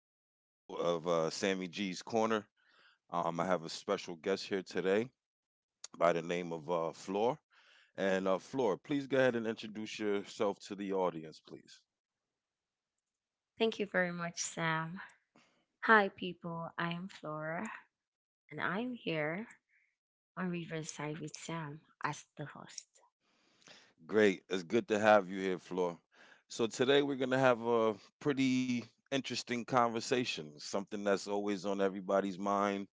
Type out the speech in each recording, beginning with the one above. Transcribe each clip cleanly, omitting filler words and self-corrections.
to another show of Sammy G's Corner. I have a special guest here today by the name of Floor. And Floor, please go ahead and introduce yourself to the audience, please. Thank you very much, Sam. Hi, people. I am Flora, and I'm here on Riverside with Sam as the host. Great. It's good to have you here, Floor. So, today we're going to have a pretty interesting conversation, something that's always on everybody's mind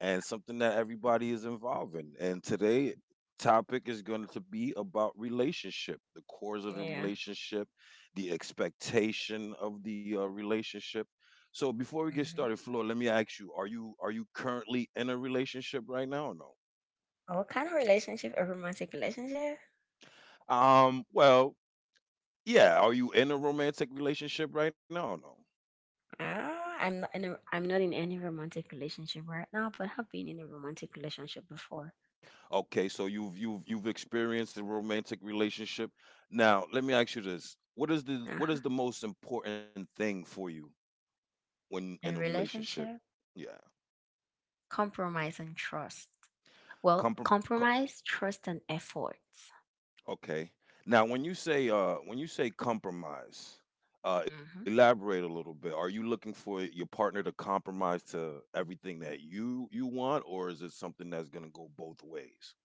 and something that everybody is involved in. And today topic is going to be about relationship, the cores of the Yeah. relationship, the expectation of the relationship. So before we get started, hmm Flor, let me ask you: Are you currently in a relationship right now or no? What kind of relationship? A romantic relationship? Well, yeah. Are you in a romantic relationship right now or no? Uh, I'm not in a, I'm not in any romantic relationship right now, but have been in a romantic relationship before. Okay, so you've experienced a romantic relationship. Now, let me ask you this: What is the what Uh-huh. is the most important thing for you when in a In relationship. relationship, Yeah. compromise and trust. Well, Comprom- co- compromise, trust, and effort. okay. Now, when you say compromise, elaborate a little bit. Are you looking for your partner to compromise to everything that you want, or is it something that's going to go both ways?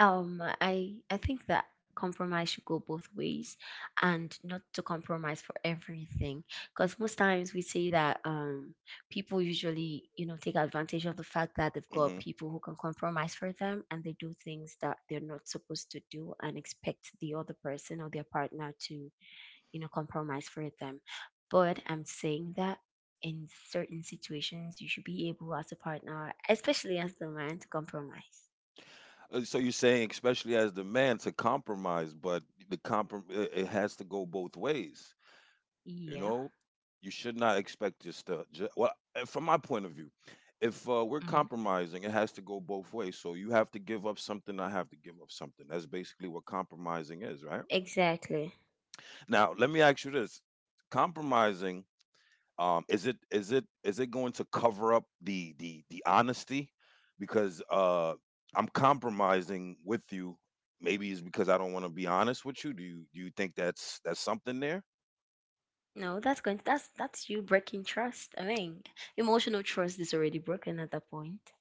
I think that compromise should go both ways, and not to compromise for everything, because most times we say that people usually take advantage of the fact that they've Mm-hmm. got people who can compromise for them, and they do things that they're not supposed to do and expect the other person or their partner to compromise for them. But I'm saying that in certain situations you should be able as a partner, especially as the man, to compromise. So you're saying, especially as the man, to compromise, but the comprom it has to go both ways. You know, Yeah. you should not expect just from my point of view, if we're Mm-hmm. compromising, it has to go both ways. So you have to give up something. I have to give up something. That's basically what compromising is, right? Exactly. Now, let me ask you this: compromising is it is it going to cover up the the honesty? Because I'm compromising with you. Maybe it's because I don't want to be honest with you. Do you think that's something there? No, that's going that's you breaking trust. I mean, emotional trust is already broken at that point.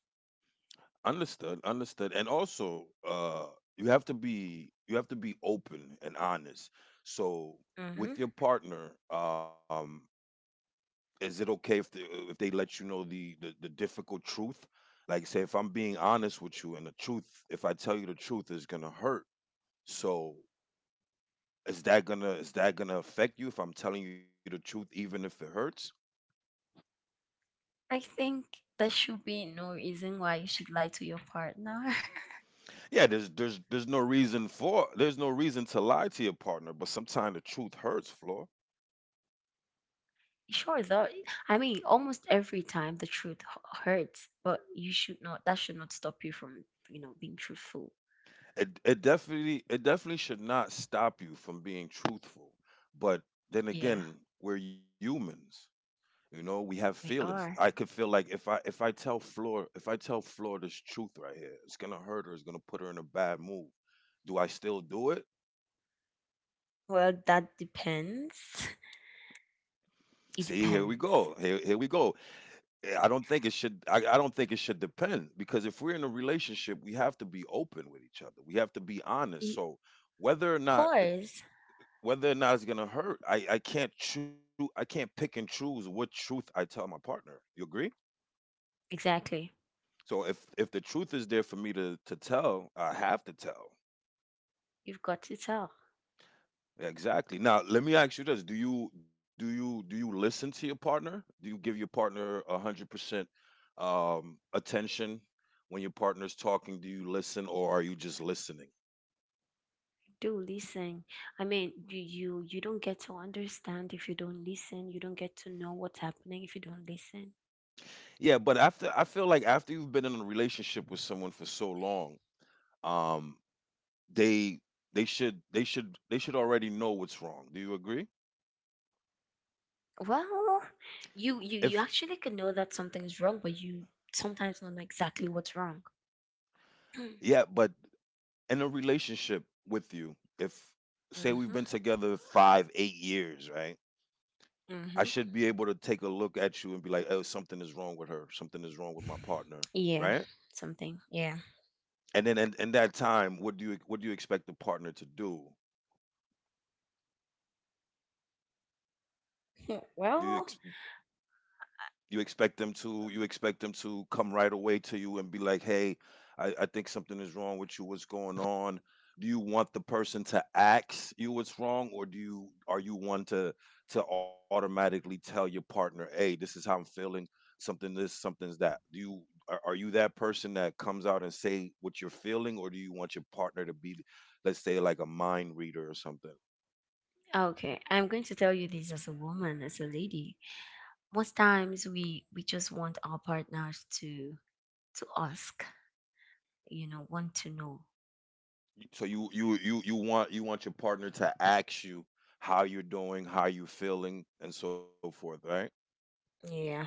Understood, understood. And also, you have to be open and honest. So with Mm-hmm. your partner, is it okay if if they let you know the, the difficult truth, like, say if I'm being honest with you and the truth, if I tell you the truth is gonna hurt, so is that gonna affect you if I'm telling you the truth even if it hurts? I think there should be no reason why you should lie to your partner. Yeah, there's no reason to lie to your partner, but sometimes the truth hurts, Floor. Sure, though. I mean, almost every time the hurts, but you should not. That should not stop you from, being truthful. It, it definitely should not stop you from being truthful but then Yeah, again we're humans You know, we have we feelings. I could are. feel like if I tell Floor if I tell Floor this truth right here, it's gonna hurt her. It's gonna put her in a bad mood. Do I still do it? Well, that depends. It See, here we go. depends. Here we go. I don't think it should. I don't think it should depend because if we're in a relationship, we have to be open with each other. We have to be honest. Y- So whether or Of not the course, whether or not it's gonna hurt, I can't choose. I can't pick and choose what truth I tell my partner. You agree? exactly. So if the truth is there for me to tell, I have to tell. You've got to tell. Exactly. Now, let me ask you this: Do you listen to your partner? Do you give your partner 100% attention when your partner's talking? Do you listen, or are you just listening? Do listen. I mean, you don't get to understand if you don't listen. You don't get to know what's happening if you don't listen. Yeah, but after I feel like after you've been in a relationship with someone for so long, um, they they should already know what's wrong. Do you agree? Well, If you actually can know that something is wrong, but you sometimes don't know exactly what's wrong. Yeah, but in a relationship with you, if say we've Mm-hmm. been together five, 8 years, right? I should be Mm-hmm. able to take a look at you and be like, oh, something is wrong with her. Something is wrong with my partner, Yeah. right? Something, yeah. And then in that time, what do you expect the partner to do? Hmm, Do you ex- well, You expect them to come right away to you and be like, "Hey, I think something is wrong with you. What's going on?" Do you want the person to ask you what's wrong, or do you, are you one to automatically tell your partner, "Hey, this is how I'm feeling. Something this, something's that." Do you Are you that person that comes out and say what you're feeling, or do you want your partner to be, let's say, like a mind reader or something? okay, I'm going to tell you this: as a woman, as a lady, most times we just want our partners to ask, want to know. So you want your partner to ask you how you're doing, how you're feeling, and so forth, right? Yeah,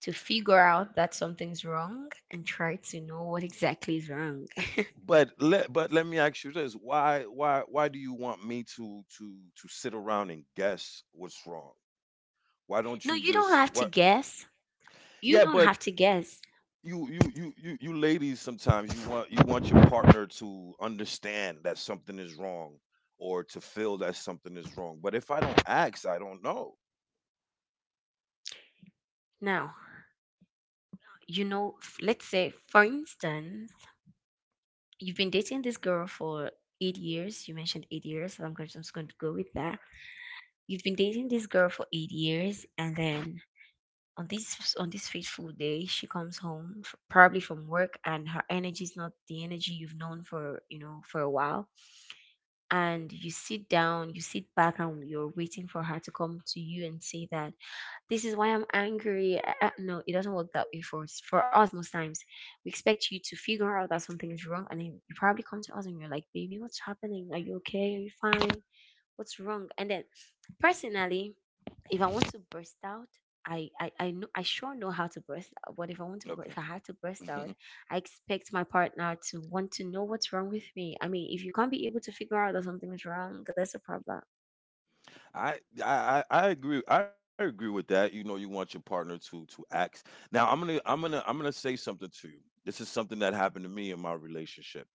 to figure out that something's wrong and try to know what exactly is wrong. But let me ask you this: why do you want me to sit around and guess what's wrong? Why don't you No, just you don't what? have to guess. Yeah, You but don't have to guess. You ladies sometimes you want your partner to understand that something is wrong or to feel that something is wrong. But if I don't ask, I don't know. Now, you know, let's say, for instance, you've been dating this girl for 8 years. You mentioned 8 years. So I'm just going to go with that. You've been dating this girl for 8 years, and then on this fateful day, she comes home probably from work, and her energy is not the energy you've known for, for a while. And you sit down, you sit back, and you're waiting for her to come to you and say that, "This is why I'm angry. No, it doesn't work that way for us. For us, most times, we expect you to figure out that something is wrong, and then you probably come to us and you're like, "Baby, what's happening? Are you okay? Are you fine? What's wrong?" And then, personally, if I want to burst out, I sure know how to burst out. But if I want to, Okay. If I had to burst out, I expect my partner to want to know what's wrong with me. I mean, if you can't be able to figure out that something is wrong, that's a problem. I I agree. I agree with that. You know, you want your partner to act. Now, I'm gonna say something to you. This is something that happened to me in my relationship.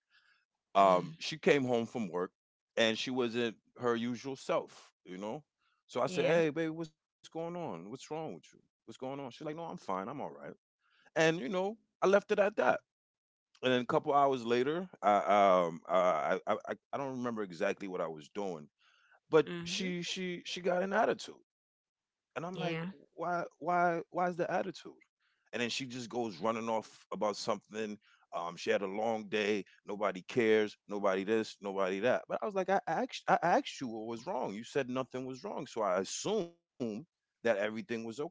Mm, She came home from work, and she wasn't her usual self. You know, so I said, yeah. "Hey, baby, what's going on? What's wrong with you? What's going on?" She's like, "No, I'm fine. I'm all right." And you know, I left it at that. And then a couple hours later, I don't remember exactly what I was doing, but Mm-hmm. She got an attitude, and I'm like, Yeah. Why is the attitude? And then she just goes running off about something. She had a long day. Nobody cares. Nobody this. Nobody that. But I was like, I asked you what was wrong. You said nothing was wrong, so I assumed that everything was okay.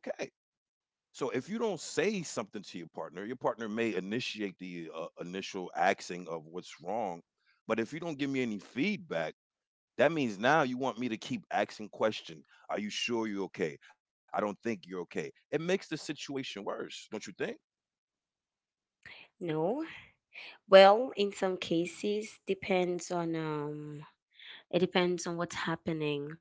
So if you don't say something to your partner may initiate the initial axing of what's wrong. But if you don't give me any feedback, that means now you want me to keep asking question. Are you sure you're okay? I don't think you're okay. It makes the situation worse, don't you think? No. Well, in some cases, depends on, it depends on what's happening.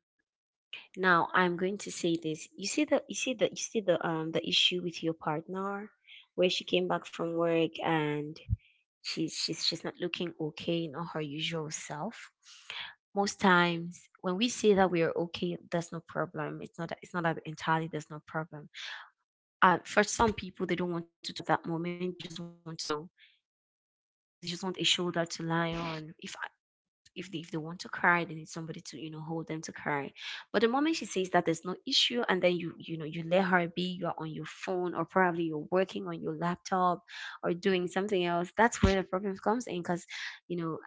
Now, I'm going to say this. You see the the issue with your partner, where she came back from work, and she's not looking okay, not her usual self. Most times when we say that we are okay, there's no problem. It's not that, entirely there's no problem. For some people, they don't want to talk at that moment. They just want to, you know, they just want a shoulder to lie on. If they, if they want to cry, they need somebody to, you know, hold them to cry. But the moment she says that there's no issue, and then you know, you let her be, you are on your phone or probably you're working on your laptop or doing something else, that's where the problem comes in. Because, you know,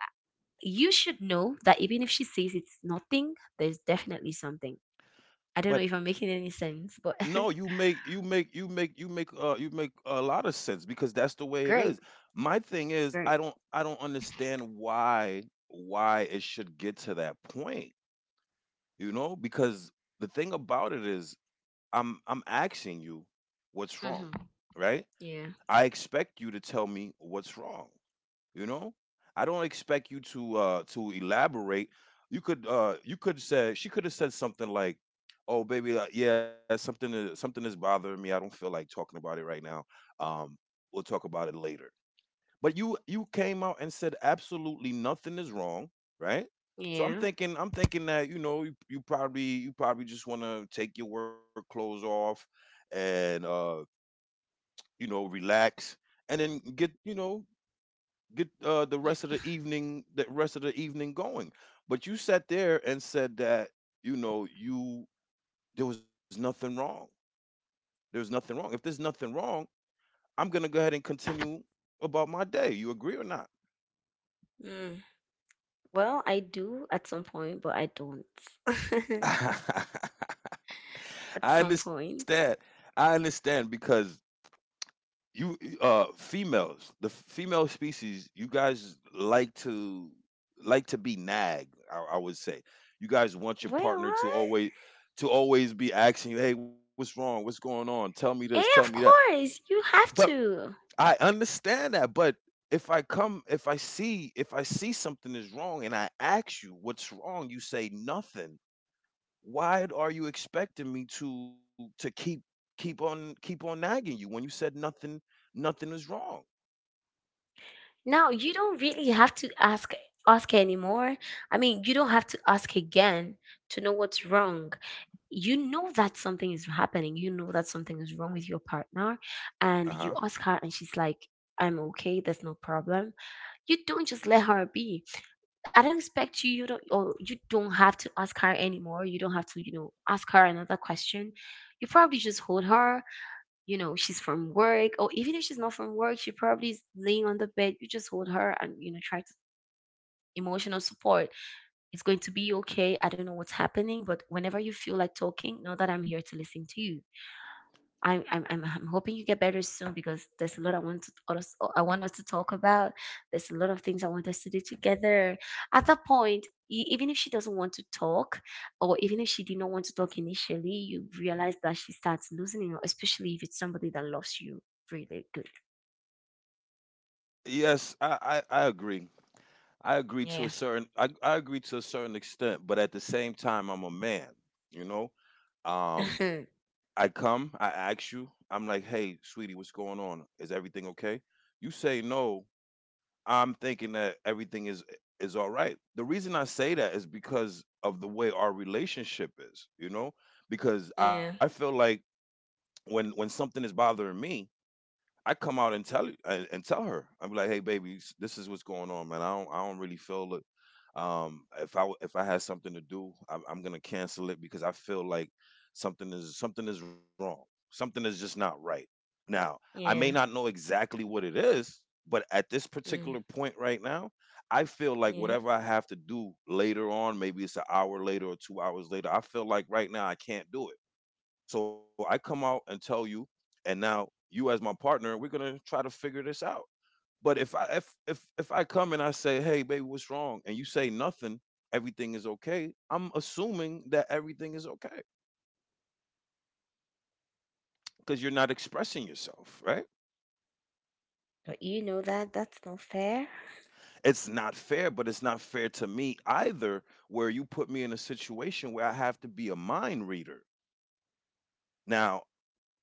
you should know that even if she says it's nothing, there's definitely something. I don't know But if I'm making any sense, no, but you make you make you make you make you make a lot of sense because that's the way it is. great, My thing is great. I don't understand why it should get to that point, you know? Because the thing about it is I'm asking you what's wrong, hmm right? Yeah, I expect you to tell me what's wrong. You know, I don't expect you to elaborate. You could say, she could have said something like, "Oh, baby, yeah, something is bothering me. I don't feel like talking about it right now. Um, we'll talk about it later." But you came out and said absolutely nothing is wrong, right? So yeah. I'm thinking that, you know, you, you probably just want to take your work clothes off and you know, relax, and then get, you know, get Yeah. The rest of the evening going. But you sat there and said that, you know, you, there was nothing wrong. There's nothing wrong. If there's nothing wrong, I'm gonna go ahead and continue about my day. You agree or not? Mm. Well, I do at some point, but I don't at I some understand. point. I understand because you females, the female species, you guys like to, like to be nagged, I would say. You guys want Wait, your partner to what? always, to always be asking you, hey, what's wrong, what's going on, tell me this, tell me Eh, that. of course, you But have to. I understand that, but if I come, if I see something is wrong, and I ask you what's wrong, you say nothing. Why are you expecting me to keep keep on, nagging you when you said nothing, nothing is wrong? Now you don't really have to ask, anymore. I mean, you don't have to ask again to know what's wrong. You know that something is happening. You know that something is wrong with your partner, and Uh-huh. you ask her and she's like, "I'm okay. There's no problem." You don't just let her be. I don't expect you, you don't, or you don't have to ask her anymore. You don't have to, you know, ask her another question. You probably just hold her. You know, she's from work, or even if she's not from work, she probably is laying on the bed. You just hold her and, you know, try to emotional support. It's going to be okay. I don't know what's happening, but whenever you feel like talking, know that I'm here to listen to you. I'm hoping you get better soon, because there's a lot I want to I want us to talk about. There's a lot of things I want us to do together. At that point, even if she doesn't want to talk, or even if she did not want to talk initially, you realize that she starts losing you, especially if it's somebody that loves you really good. Yes, I agree. I agree to a Yeah. certain, I agree to a certain extent, but at the same time, I'm a man, you know? Um, I come, I ask you, I'm like, hey, sweetie, what's going on? Is everything okay? You say no, I'm thinking that everything is all right. The reason I say that is because of the way our relationship is, you know? Because I Yeah. feel like when something is bothering me, I come out and tell you, and tell her. I'm like, hey, baby, this is what's going on, man. I don't really feel it. If if I had something to do, I'm gonna cancel it because I feel like something is wrong. Something is just not right. Now, I may Yeah. not know exactly what it is, but at this particular Mm, point right now, I feel like yeah. whatever I have to do later on, maybe it's an hour later or 2 hours later. I feel like right now I can't do it, so I come out and tell you, and now you, as my partner, we're gonna try to figure this out. But if I come and I say, "Hey, baby, what's wrong?" And you say nothing, everything is okay. I'm assuming that everything is okay, because you're not expressing yourself, right? But you know that that's not fair. It's not fair, but it's not fair to me either, where you put me in a situation where I have to be a mind reader. Now,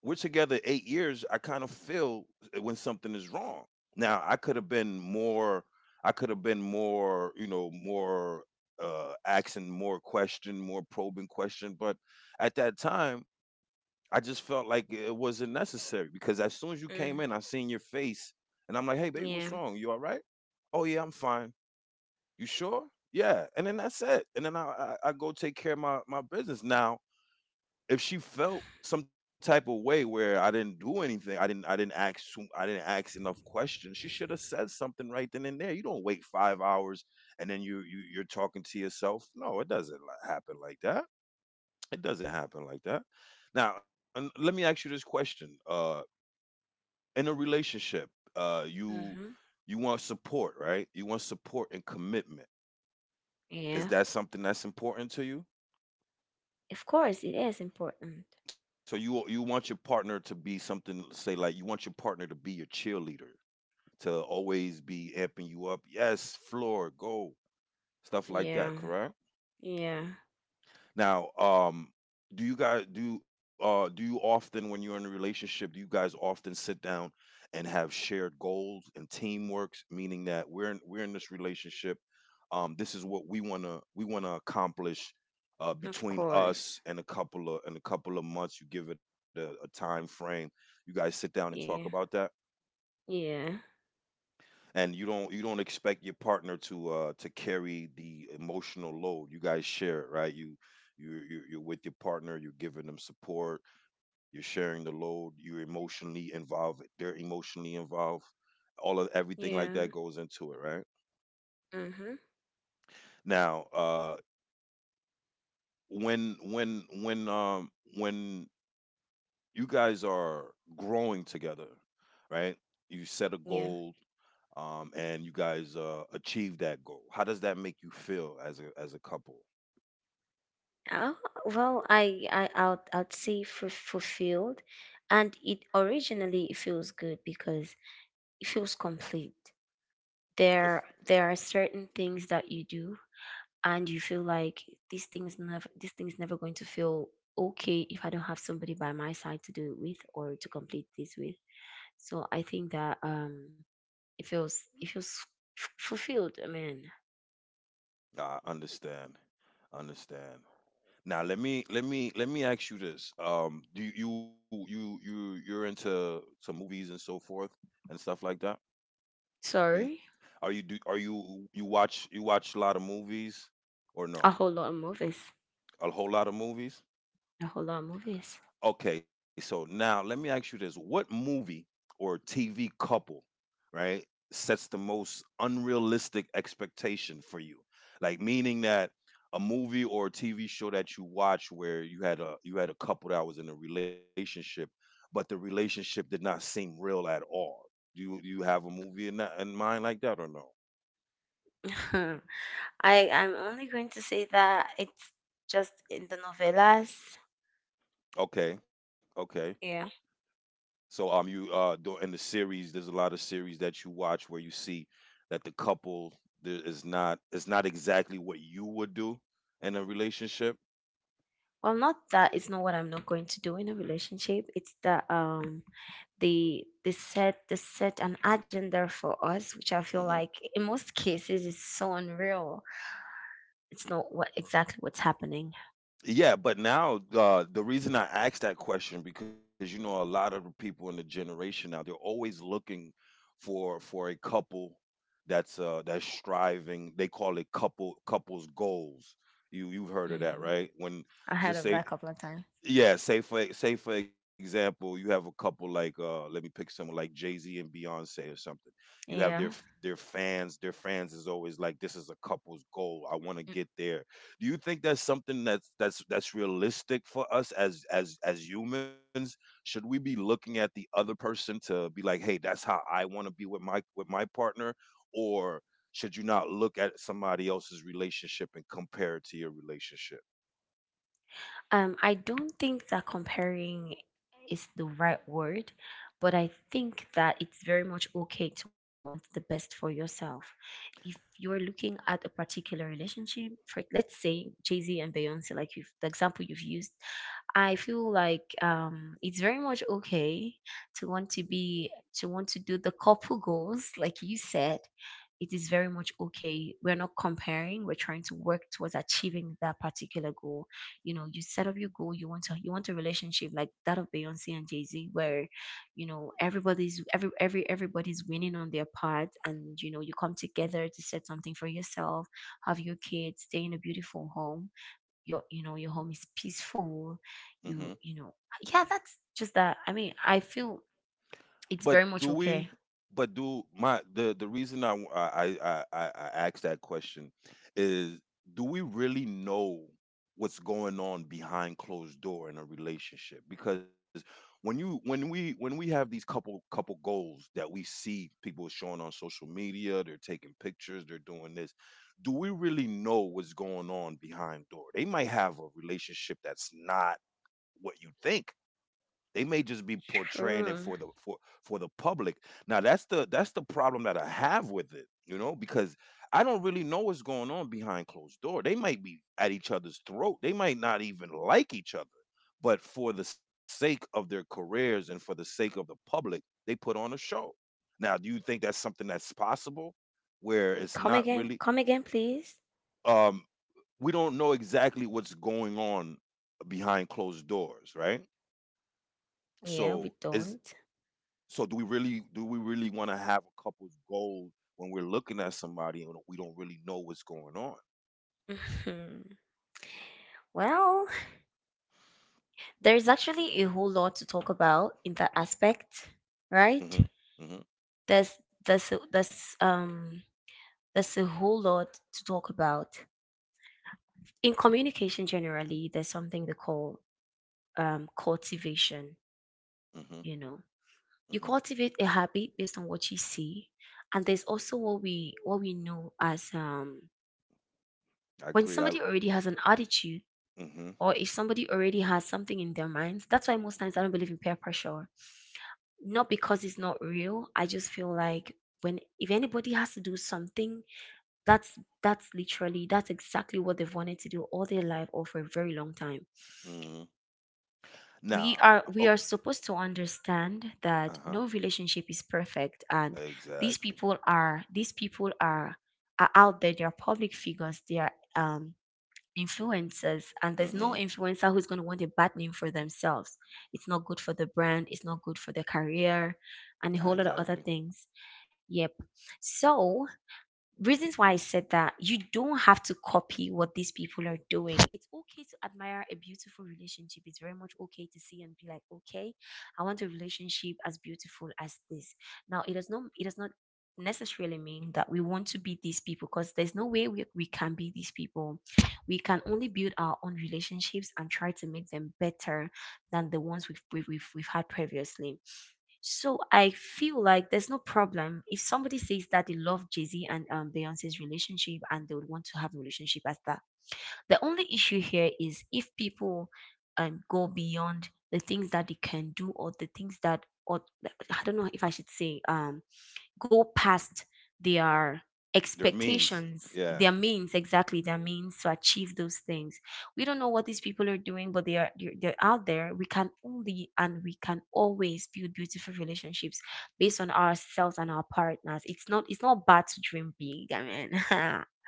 we're together 8 years. I kind of feel, when something is wrong. Now, I could have been more. I could have been more. You know, more asking more question, more probing question. But at that time, I just felt like it wasn't necessary, because as soon as you came in, I Mm, seen your face, and I'm like, "Hey, baby, yeah. what's wrong? You all right?" "Oh, yeah, I'm fine." "You sure?" "Yeah." And then that's it. And then I go take care of my business. Now, if she felt some type of way where I didn't do anything, I didn't ask enough questions, she should have said something right then and there. You don't wait 5 hours and then you you're talking to yourself. No, it doesn't happen like that. It doesn't happen like that. Now, and let me ask you this question. In a relationship, uh you Mhm. you want support, right? You want support and commitment. Is Yeah. that something that's important to you? Of course, it is important. So you want your partner to be something, say, like you want your partner to be your cheerleader, to always be amping you up. Yes, floor, go, stuff like that. Yeah. Correct. Yeah. Now, do you often, when you're in a relationship, do you guys often sit down and have shared goals and teamworks, meaning that we're in this relationship, this is what we wanna accomplish, Of between course. us in a couple of in a couple of months. You give it a time frame. You guys sit down and talk Yeah. about that, Yeah. and you don't expect your partner to carry the emotional load. You guys share it, right? You're with your partner, you're giving them support, you're sharing the load, you're emotionally involved, they're emotionally involved. All of everything like Yeah. that goes into it, right? Mm-hmm. Now, when when when um when you guys are growing together, right? You set a Yeah. goal, and you guys achieve that goal. How does that make you feel as a couple? Oh, well, I'd say fulfilled. And it originally it feels good because it feels complete. If. There are certain things that you do and you feel like these things never, this thing's never going to feel okay if I don't have somebody by my side to do it with or to complete this with. So I think that, it feels fulfilled. I mean, I understand, understand. Now, let me ask you this. Do you you you you- you're into some movies and so forth and stuff like that? You sorry. are you do are you you watch You watch a lot of movies or A no? whole lot of movies. A whole lot of movies? A whole lot of movies. Okay, so now let me ask you this. What movie or TV couple, right, sets the most unrealistic expectation for you? Like, meaning that a movie or a TV show that you watch where you had a couple that was in a relationship, but the relationship did not seem real at all. Do you have a movie in mind like that or no? I I'm only going to say that it's just in the novellas. Okay, okay. Yeah. So, in the series, there's a lot of series that you watch where you see that the couple there is not exactly what you would do in a relationship. Well, not that it's not what I'm not going to do in a relationship. It's that they set an agenda for us, which I feel Hmm. like in most cases is so unreal. It's not what exactly what's happening. Yeah, but now, the reason I asked that question, because, you know, a lot of the people in the generation now, they're always looking for a couple that's striving. They call it couples goals. You've heard of that, hmm right? When, I heard just of that say a couple of times. yeah, say, for example, you have a couple like, let me pick someone like Jay-Z and Beyonce or something. You have Yeah. Their fans. Their fans is always like, this is a couple's goal. I want to get there. Do you think that's something that's realistic for us as humans? Should we be looking at the other person to be like, "Hey, that's how I want to be with my partner," or should you not look at somebody else's relationship and compare it to your relationship? I don't think that comparing is the right word, but I think that it's very much okay to want the best for yourself. If you're looking at a particular relationship, for let's say Jay Z and Beyonce, like you've, the example you've used, I feel like, it's very much okay to want to be, to want to do the couple goals, like you said. It is very much okay. We're not comparing. We're trying to work towards achieving that particular goal. You know, you set up your goal. You want to, you want a relationship like that of Beyonce and Jay-Z, where, you know, everybody's, everybody's winning on their part, and, you know, you come together to set something for yourself, have your kids stay in a beautiful home, your, you know, your home is peaceful, Mm-hmm. you know, yeah, that's just that. I mean, I feel But it's very do much we? okay. But do my The the reason I asked that question is, do we really know what's going on behind closed door in a relationship? Because when we have these couple goals that we see people showing on social media, they're taking pictures, they're doing this. Do we really know what's going on behind door? They might have a relationship that's not what you think. They may just be portraying it for the True. for for the public. Now, that's the problem that I have with it, because I don't really know what's going on behind closed door. They might be at each other's throat. They might not even like each other. But for the sake of their careers and for the sake of the public, they put on a show. Now, do you think that's something that's possible where it's Come not again. really, Come again, please. um we don't know exactly what's going on behind closed doors, right? So Yeah, we is don't. so do we really want to have a couple's goal, when we're looking at somebody and we don't really know what's going on? Well, there's actually a whole lot to talk about in that aspect, Hmm. right? Hmm. There's there's a whole lot to talk about in communication. Generally, there's something they call, cultivation. Hmm. You know, Hmm. you cultivate a habit based on what you see, and there's also what we, what we know as I when agree. I somebody already has an attitude, Hmm. or if somebody already has something in their minds. That's why most times I don't believe in peer pressure, not because it's not real. I just feel like, when if anybody has to do something, that's literally that's exactly what they've wanted to do all their life or for a very long time. Hmm. Now, We okay. are we are supposed to understand uh huh. that no relationship is perfect, and these Exactly. People are out there. They are public figures, they are influencers, and there's no Hmm. influencer who's going to want a bad name for themselves. It's not good for the brand, it's not good for their career, and a whole lot of Exactly. other things. Yep. So reasons why I said that you don't have to copy what these people are doing. It's okay to admire a beautiful relationship. It's very much okay to see and be like, okay, I want a relationship as beautiful as this. Now it does not necessarily mean that we want to be these people because there's no way we can be these people. We can only build our own relationships and try to make them better than the ones we've had previously. So I feel like there's no problem if somebody says that they love Jay Z and Beyonce's relationship and they would want to have a relationship as that. The only issue here is if people go beyond the things that they can do or the things that or I don't know if I should say go past their Their means. expectations, Yeah. their means, exactly their means to achieve those things. We don't know what these people are doing, but they're out there. We can only and we can always build beautiful relationships based on ourselves and our partners. It's not bad to dream big. I mean,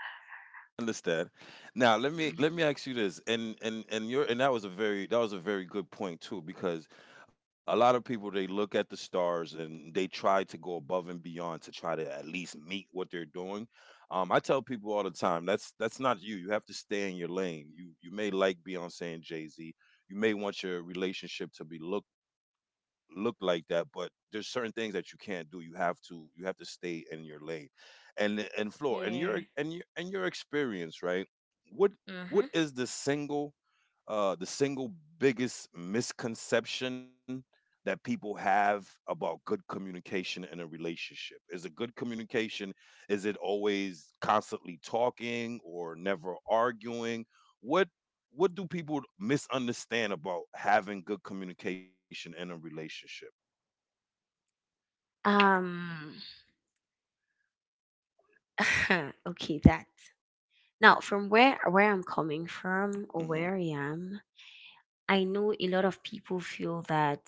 Understand. Now, Mm. let me ask you this, and your and that was a very that was a very good point, too, because a lot of people, they look at the stars and they try to go above and beyond to try to at least meet what they're doing. I tell people all the time, that's not you. You have to stay in your lane. You may like Beyonce and Jay Z. You may want your relationship to be look like that, but there's certain things that you can't do. You have to you have to stay in your lane, and floor, and Yeah. your and your and your experience, right? What Mm-hmm. what is the single biggest misconception that people have about good communication in a relationship? Is a good communication, is it always constantly talking or never arguing? What what do people misunderstand about having good communication in a relationship? Um. Okay, that. Now, from where I'm coming from or Mhm, where I am, I know a lot of people feel that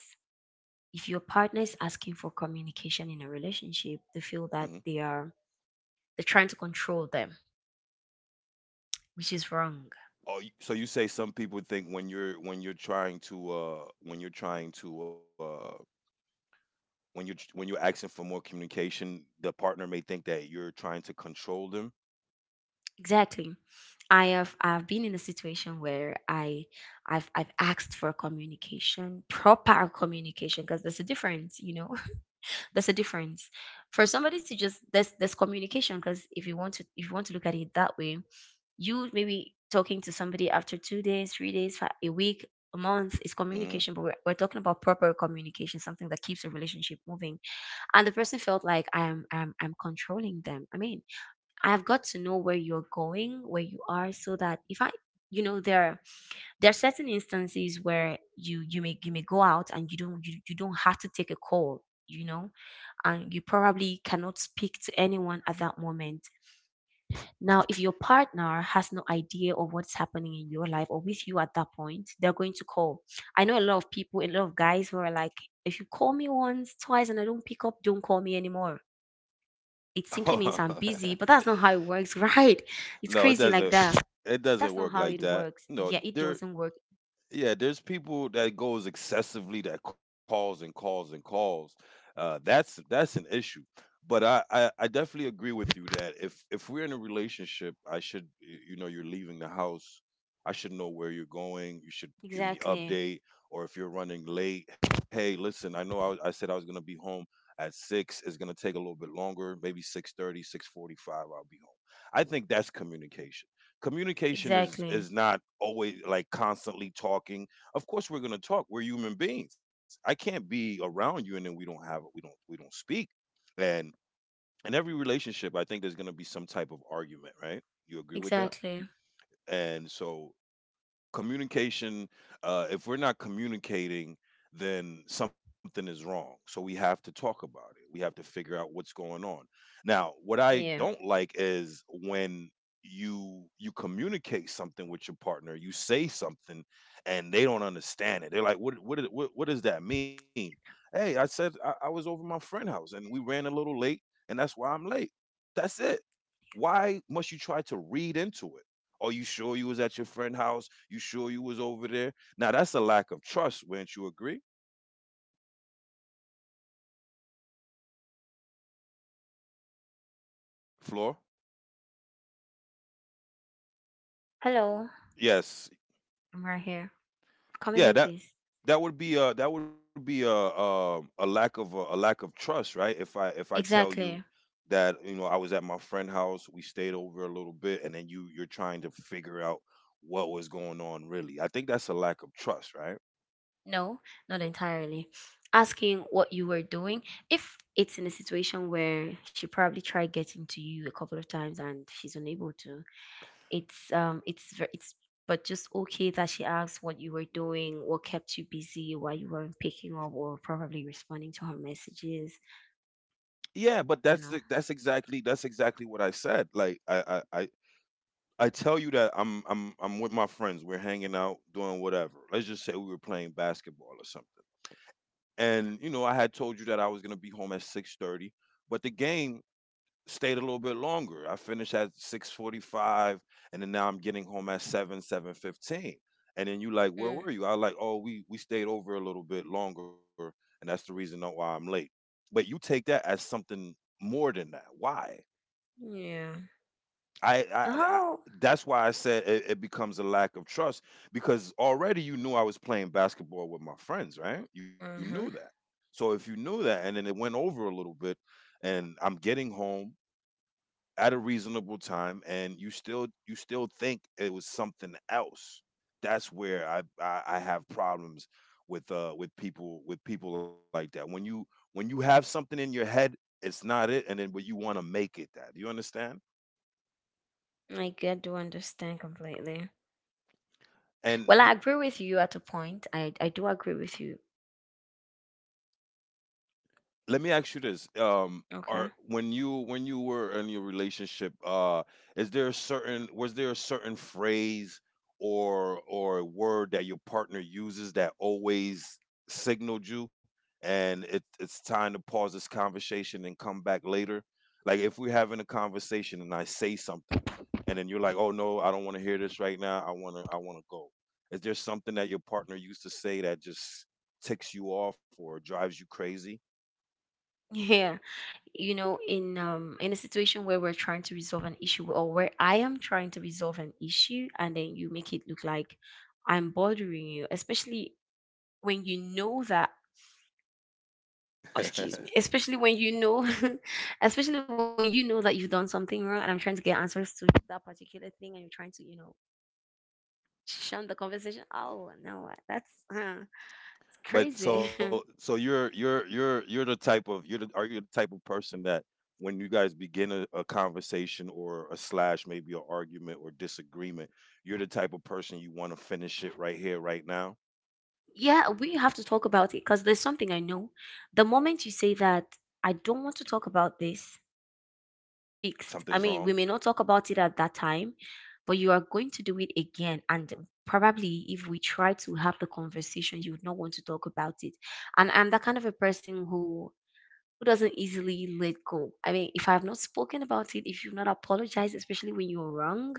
if your partner is asking for communication in a relationship, they feel mhm. that they're trying to control them, which is wrong. Oh, you say some people think when you're trying to, when you're ch when you're asking for more communication, the partner may think that you're trying to control them? Exactly. I've been in a situation where I've asked for communication, proper communication, because there's a difference. There's a difference. For somebody to just there's communication because if you want to look at it that way, you maybe talking to somebody after 2 days, 3 days, a week, a month is Mhm. communication, but we're talking about proper communication, something that keeps a relationship moving. And the person felt like I'm controlling them. I mean, I've got to know where you're going, where you are, so that if I, you know there there are certain instances where you may go out and you don't have to take a call you know and you probably cannot speak to anyone at that moment. Now, if your partner has no idea of what's happening in your life or with you at that point, they're going to call. I know a lot of people, a lot of guys who are like, if you call me once, twice, and I don't pick up, don't call me anymore. It simply means I'm busy, but that's not how it works. Right? It's No, it crazy like doesn't that. That's not work how like it that. works. No, Yeah, it there doesn't work. yeah, there's people that goes excessively, that calls and calls and calls. That's an issue. But I definitely agree with you that if we're in a relationship, I should you know, you're leaving the house, I should know where you're going. You should give me Exactly. update, or if you're running late, hey, listen, I know I said I was gonna be home at 6. It's gonna take a little bit longer, maybe 6:30, 6:45. I'll be home. I think that's communication. Communication Exactly. is not always, like, constantly talking. Of course we're going to talk. We're human beings. I can't be around you and then we don't have we don't speak. And in every relationship, I think there's going to be some type of argument, right? You agree with that? Exactly. And so, communication, if we're not communicating, then something is wrong. So we have to talk about it. We have to figure out what's going on. Now, what I Yeah. don't like is when you communicate something with your partner. You say something, and they don't understand it. They're like, what does that mean? Hey, I said, I was over my friend's house, and we ran a little late, and that's why I'm late. That's it. Why must you try to read into it? Are you sure you was at your friend' house? You sure you was over there? Now that's a lack of trust, wouldn't you agree, Floor? Hello. Yes. I'm right here. Come Yeah, again, that please. that would be a that would be a lack of trust, right? If I tell you Exactly. that I was at my friend's house, we stayed over a little bit, and then you're trying to figure out what was going on really. I think that's a lack of trust, right? No, not entirely. Asking what you were doing. If it's in a situation where she probably tried getting to you a couple of times and she's unable to, it's but just okay that she asks what you were doing, what kept you busy, why you weren't picking up, or probably responding to her messages. Yeah, but You know. that's exactly what I said. I tell you that I'm with my friends. We're hanging out, doing whatever. Let's just say we were playing basketball or something. And you know, I had told you that I was gonna be home at 6:30, but the game stayed a little bit longer. I finished at 6:45, and then now I'm getting home at seven fifteen. And then you like, where were Mm. you? I was like, oh, we stayed over a little bit longer, and that's the reason why I'm late. But you take that as something more than that. Why? Yeah. I Oh. that's why I said it becomes a lack of trust because already you knew I was playing basketball with my friends, right? You knew that. Mm-hmm. So if you knew that, and then it went over a little bit, and I'm getting home at a reasonable time, and you still think it was something else. That's where I have problems with people like that. When you have something in your head, it's not it, and then but you want to make it that. Do you understand? I get to understand completely. And Well, I agree with you at a point. I do agree with you. let me ask you this. Are Okay. When you were in your relationship, is there a certain was there a certain phrase or a word that your partner uses that always signaled you and it's time to pause this conversation and come back later? Like if we're having a conversation and I say something, and then you're like, oh no, I don't want to hear this right now, I want to go. Is there something that your partner used to say that just ticks you off or drives you crazy? Yeah. You know, in a situation where we're trying to resolve an issue or where I am trying to resolve an issue and then you make it look like I'm bothering you, especially when you know that— oh, excuse me— especially when you know especially when you know that you've done something wrong and I'm trying to get answers to that particular thing and you're trying to shun the conversation. Oh no, that's But crazy. so so you're the type of you're the are you the type of person that when you guys begin a conversation or a slash maybe an argument or disagreement, you're the type of person you want to finish it right here right now. Yeah, we have to talk about it because there's something I know. The moment you say that, I don't want to talk about this, it's not fixed. I mean, Something's we may wrong. not talk about it at that time, but you are going to do it again. And probably if we try to have the conversation, you would not want to talk about it. And I'm that kind of a person who— who doesn't easily let go. I mean, if I have not spoken about it, if you've not apologized, especially when you're wrong,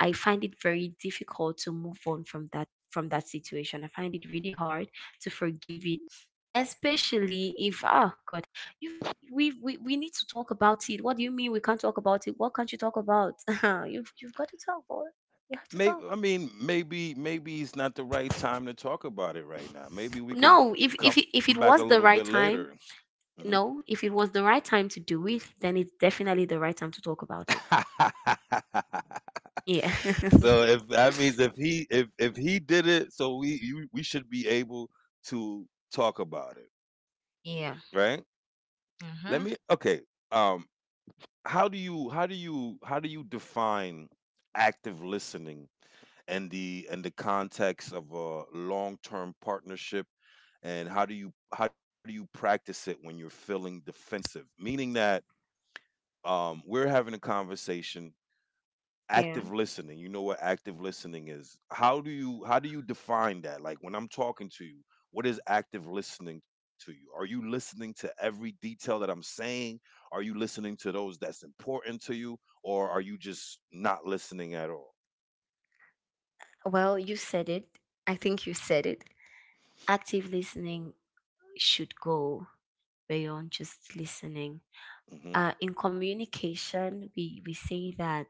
I find it very difficult to move on from that situation. I find it really hard to forgive it, especially if— oh God, you've— we need to talk about it. What do you mean we can't talk about it? What can't you talk about? You've got to talk, boy. You have to Maybe talk. Maybe it's not the right time to talk about it right now. Maybe we could No, if if come it- back a if it little was bit the right later. time, hmm no. If it was the right time to do it, then it's definitely the right time to talk about it. Yeah. So if that means if he did it, so we should be able to talk about it, Yeah. right? Let me. Mm-hmm. Okay. Um, how do you define active listening and the context of a long term partnership, and how do you practice it when you're feeling defensive? Meaning that, we're having a conversation. Yeah. Active listening, you know what active listening is. How do you define that? Like when I'm talking to you, what is active listening to you? Are you listening to every detail that I'm saying? Are you listening to those that's important to you, or are you just not listening at all? Well, you said it. I think you said it. Active listening should go beyond just listening. Mhm. In communication, we say that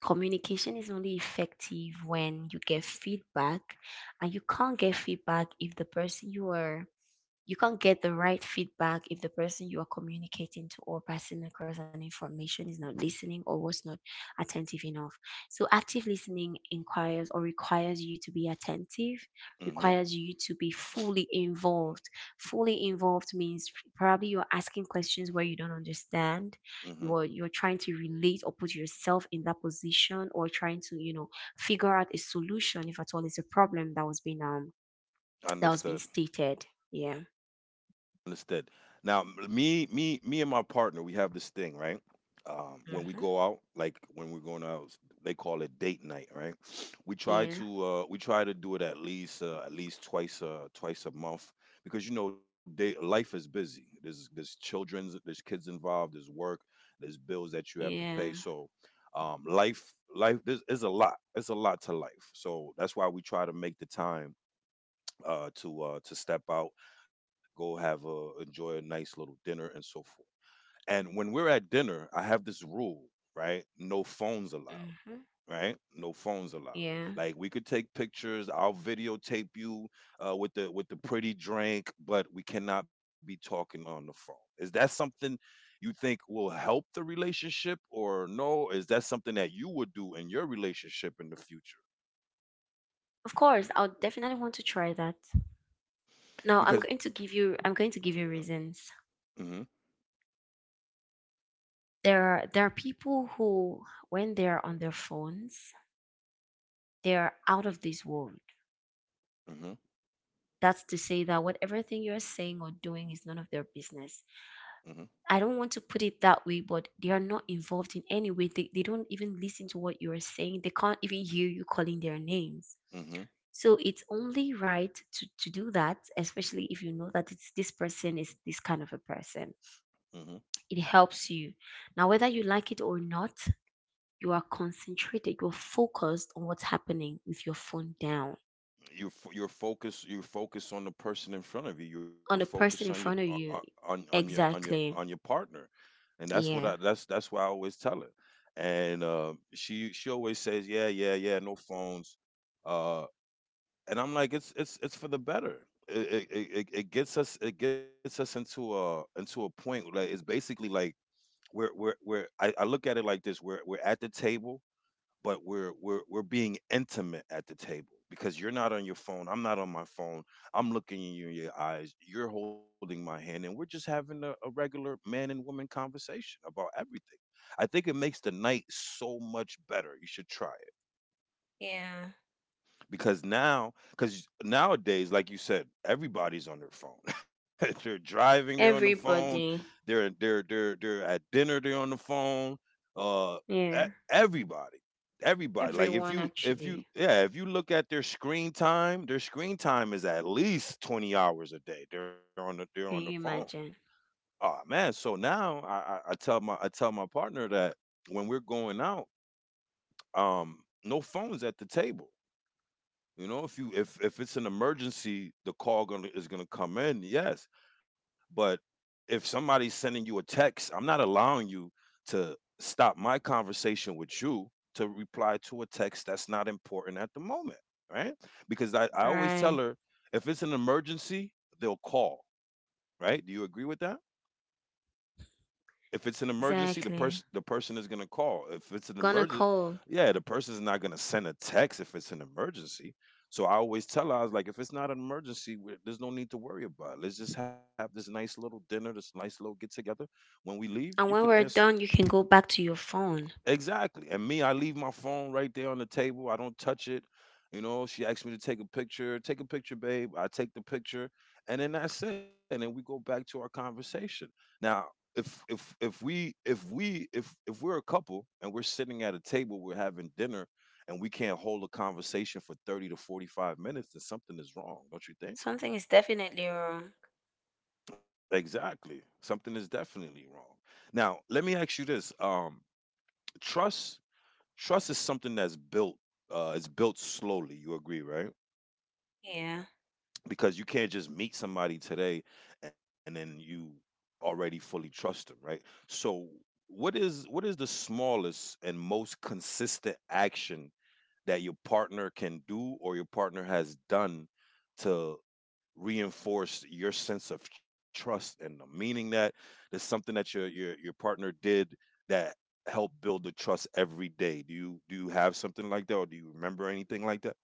communication is only effective when you get feedback, and you can't get feedback if the person you are— you can't get the right feedback if the person you are communicating to or passing across an information is not listening or was not attentive enough. So active listening inquires or requires you to be attentive, Mhm. requires you to be fully involved. Fully involved means probably you're asking questions where you don't understand. Mhm. You're trying to relate or put yourself in that position or trying to figure out a solution if at all it's a problem that was being Understood. stated. Yeah. Understood. Now, me and my partner, we have this thing, right? When we Mhm. go out, like when we're going out, they call it date night, right? Yeah, we try to do it at least twice, twice a month, because you know, life is busy. There's kids involved, there's work, there's bills that you have to yeah, pay. So, life is a lot. It's a lot to life. So that's why we try to make the time to step out, go have a enjoy a nice little dinner and so forth. And when we're at dinner, I have this rule, right? No phones allowed, hmm, right? No phones allowed. yeah. Like we could take pictures, I'll videotape you with the pretty drink, but we cannot be talking on the phone. Is that something you think will help the relationship or no? Is that something that you would do in your relationship in the future? Of course, I'll definitely want to try that. Now, I'm Because. going to give you, I'm going to give you reasons. Mhm. There are people who, when they are on their phones, they are out of this world. Mhm. That's to say that whatever thing you're saying or doing is none of their business. Mhm. I don't want to put it that way, but they are not involved in any way. They don't even listen to what you are saying. They can't even hear you calling their names. Mhm. So it's only right to do that, especially if you know that it's this person is this kind of a person. Mhm. It helps you. Now, whether you like it or not, you are concentrated, you're focused on what's happening with your phone down, You're focused. You're focused on the person in front of you. You're on the focused on your person in front of you. on your on your Exactly. partner, and that's what I Yeah. That's why I always tell her. And she always says, yeah, yeah, yeah, no phones. Uh, and I'm like, it's for the better. It it gets us into a point where, like, it's basically like I look at it like this. We're at the table, but we're being intimate at the table because you're not on your phone, I'm not on my phone, I'm looking in your eyes, you're holding my hand, and we're just having a regular man and woman conversation about everything. I think it makes the night so much better. You should try, Yeah. because nowadays, like you said, everybody's on their phone. They're driving, they're on the phone, Everybody. They're at dinner, they're on the phone. uh Yeah. e- everybody Everybody, like if Everyone, you actually. yeah, if you look at their screen time, their screen time is at least 20 hours a day, they're on the Can phone. you imagine? Oh man. So now I tell my partner that when we're going out, um, no phones at the table. You know, if you if it's an emergency, the call gonna is gonna come in, yes. But if somebody's sending you a text, I'm not allowing you to stop my conversation with you to reply to a text that's not important at the moment, right? Because I always tell Right. her, if it's an emergency, they'll call, right? Do you agree with that? If it's an emergency, Exactly. the person is gonna call. If it's an Gonna emergency, call. yeah, the person's not gonna send a text if it's an emergency. So I always tell her, I was like, if it's not an emergency, there's no need to worry about. It. Let's just have this nice little dinner, this nice little get together. When we leave, you And could when we're answer. done, you can go back to your phone. Exactly. And me, I leave my phone right there on the table. I don't touch it. You know, she asks me to take a picture. Take a picture, babe. I take the picture, and then that's it. And then we go back to our conversation. Now, if we if we if we're a couple and we're sitting at a table, we're having dinner, and we can't hold a conversation for 30 to 45 minutes, then something is wrong, don't you think? Something is definitely wrong. Exactly. Something is definitely wrong. Now, let me ask you this: trust. Trust is something that's built, it's built slowly, you agree, right? Yeah. Because you can't just meet somebody today and then you already fully trust them, right? So what is the smallest and most consistent action that your partner can do, or your partner has done, to reinforce your sense of trust in them? Meaning that there's something that your partner did that helped build the trust every day. Do you have something like that, or do you remember anything like that?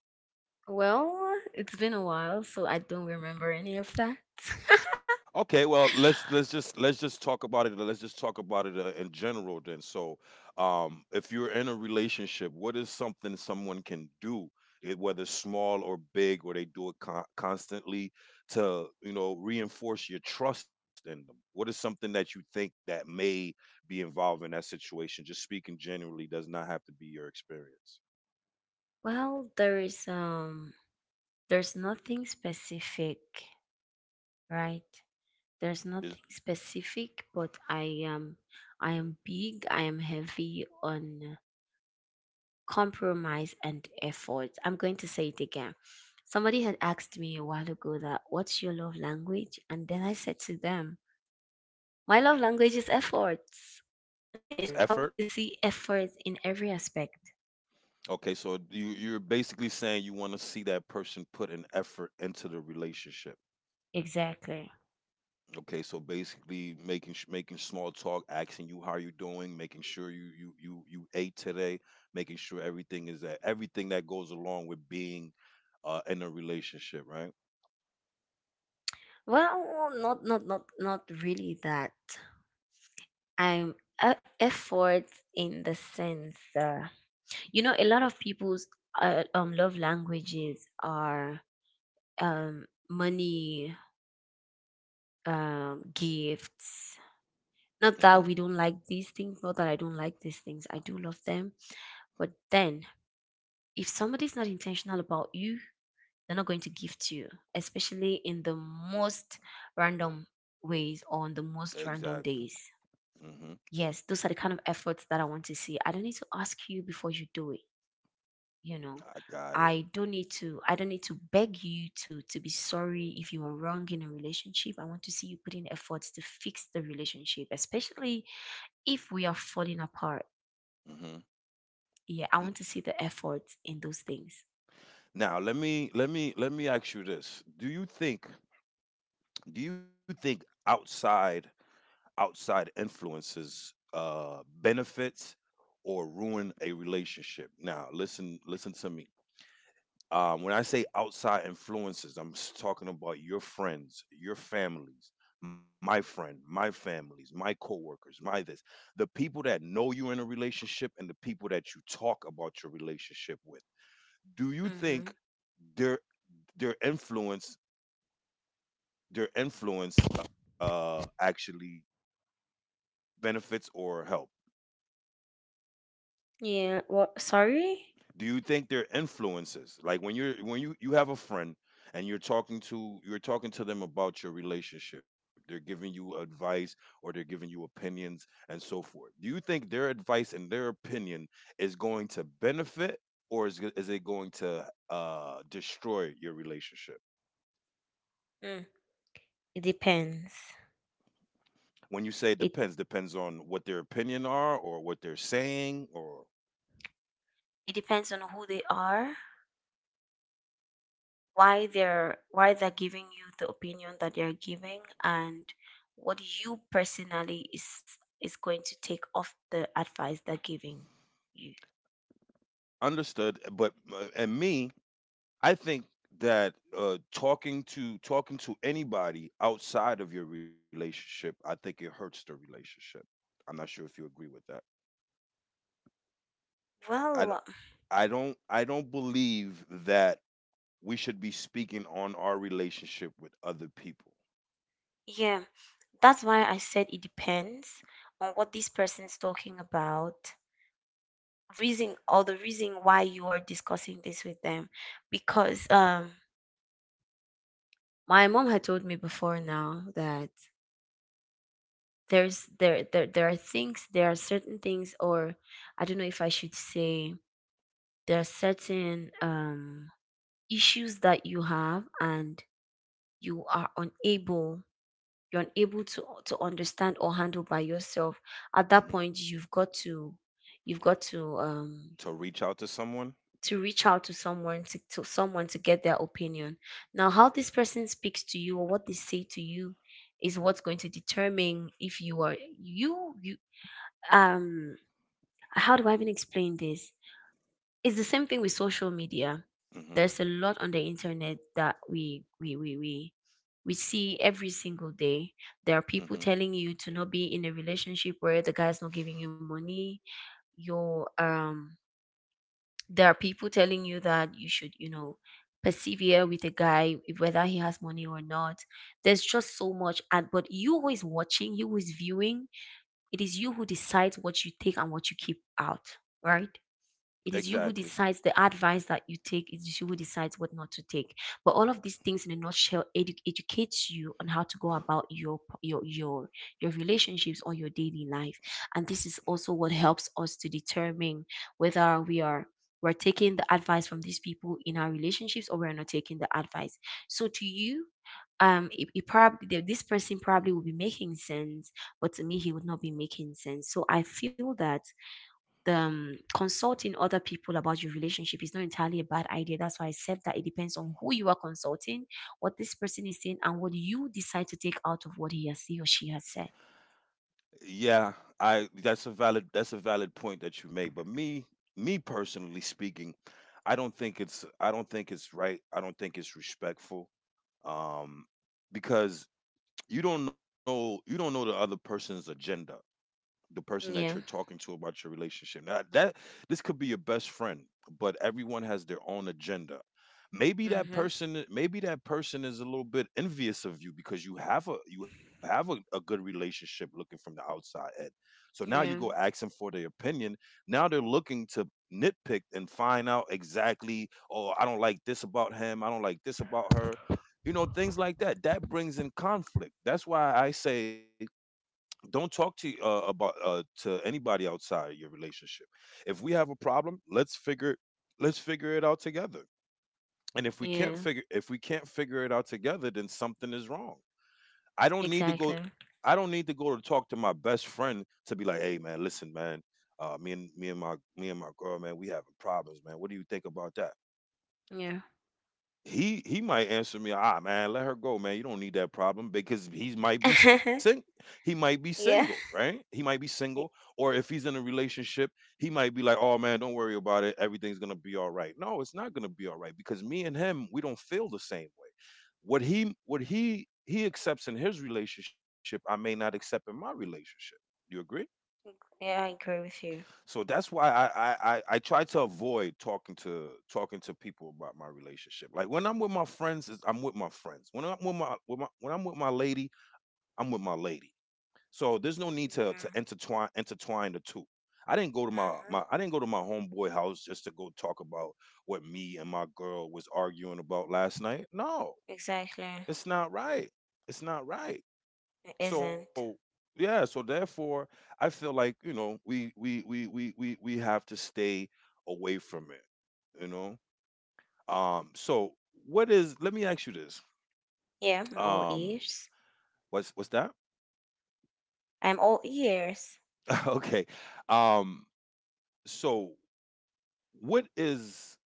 Well, it's been a while, so I don't remember any of that. Okay, well, let's just talk about it. Let's just talk about it, in general then. So, if you're in a relationship, what is something someone can do, whether small or big, or they do it constantly to, you know, reinforce your trust in them? What is something that you think that may be involved in that situation? Just speaking generally, does not have to be your experience. Well, there's nothing specific, right? Is. There's nothing specific, but I am big, I am heavy on compromise and effort. I'm going to say it again. Somebody had asked me a while ago that what's your love language? And then I said to them, my love language is effort. I Is mean, I effort? want to see effort in every aspect. Okay, so you, you're basically saying you want to see that person put an effort into the relationship. Exactly. Okay, so basically making small talk, asking you how you're doing, making sure you you ate today, making sure everything is that everything that goes along with being, uh, in a relationship, right? Well, not really that. I'm Effort in the sense that you know a lot of people's love languages are money, gifts, not Mhm. that we don't like these things, not that I don't like these things. I do love them. But then, if somebody's not intentional about you, they're not going to give to you, especially in the most random ways on the most Exactly. random days. Mhm. Yes, those are the kind of efforts that I want to see. I don't need to ask you before you do it, you know. I got it. I don't need to beg you to be sorry if you are wrong in a relationship. I want to see you putting efforts to fix the relationship, especially if we are falling apart. Mhm. Yeah, I N- want to see the effort in those things. Now, let me ask you this. Do you think outside influences, uh, benefits or ruin a relationship? Now, listen, listen to me when I say outside influences, I'm talking about your friends, your families, my friend, my families, my coworkers, my this, the people that know you're in a relationship and the people that you talk about your relationship with. Do you Mm-hmm. think their their influence actually benefits or helps? Yeah. Well, sorry. Do you think they're influences? Like when you have a friend and you're talking to them about your relationship. They're giving you advice or they're giving you opinions and so forth. Do you think their advice and their opinion is going to benefit or is it going to destroy your relationship? Mm. It depends. When you say it depends, It depends on what their opinion are or what they're saying or it depends on who they are, why they're giving you the opinion that they're giving, and what you personally is going to take off the advice they're giving you. understood, but and me, I think that talking to anybody outside of your relationship, I think it hurts the relationship. I'm not sure if you agree with that. I don't. Well, I don't. I don't believe that we should be speaking on our relationship with other people. yeah, that's why I said it depends on what this person's talking about reason or the reason why you are discussing this with them because my mom had told me before now that there are things, there are certain things, or I don't know if I should say there are certain issues that you have and you are unable you're unable to understand or handle by yourself. At hmm that point, you've got to you've got to um To reach out to someone. to reach out to someone to get their opinion. Now how this person speaks to you or what they say to you is what's going to determine if you are— you um how do I even explain this? It's the same thing with social media. hmm There's a lot on the internet that we see every single day. There are hmm people telling you to not be in a relationship where the guy's not giving you money. Your There are people telling you that you should, persevere with a guy, whether he has money or not. There's just so much. And but you who is watching, you who is viewing, it is you who decides what you take and what you keep out, right? It is you who Exactly. decides the advice that you take. It is you who decides what not to take. But all of these things, in a nutshell, educates you on how to go about your relationships or your daily life. And this is also what helps us to determine whether we're taking the advice from these people in our relationships or we're not taking the advice. So to you, it probably— this person probably will be making sense, but to me, he would not be making sense. So I feel that the consulting other people about your relationship is not entirely a bad idea. That's why I said that it depends on who you are consulting, what this person is saying, and what you decide to take out of what he or she has said. Yeah, I that's a valid, that's a valid point that you make. But me, me personally speaking, I don't think it's, I don't think it's right. I don't think it's respectful. Um because you don't know, you don't know the other person's agenda, the person that you're Yeah. talking to about your relationship. Now that this could be your best friend, but everyone has their own agenda. Mhm. Maybe that person is a little bit envious of you because you have a good relationship looking from the outside in. So now you go Yeah. ask them for their opinion. Now they're looking to nitpick and find out exactly, oh, I don't like this about him, I don't like this about her. You know, things like that. That brings in conflict. That's why I say don't talk to about to anybody outside your relationship. If we have a problem, let's figure it out together. And if we Yeah. Can't figure it out together, then something is wrong. Exactly. I don't need to go to talk to my best friend, to be like, hey man, listen man, me and my girl man, we having problems man. What do you think about that? Yeah. He might answer me, "Ah, man, let her go, man. You don't need that problem," because he might be single, Yeah. right? He might be single, y- or if he's in a relationship, he might be like, "Oh man, don't worry about it. Everything's gonna be all right." No, it's not gonna be all right because me and him, we don't feel the same way. What he accepts in his relationship, I may not accept in my relationship. Do you agree? Yeah, I agree with you. So that's why I try to avoid talking to people about my relationship. Like when I'm with my friends, is I'm with my friends. When I'm with my when I'm with my lady, I'm with my lady. So there's no need to Yeah. Intertwine the two. Mhm. I didn't go to my homeboy house just to go talk about what me and my girl was arguing about last night. No, Exactly. it's not right. It's not right. It So isn't. yeah, so therefore I feel like, you know, we have to stay away from it, you know? Um so what is Let me ask you this. Yeah, I'm all Um ears. What's that? I'm all ears. Okay. Um so what is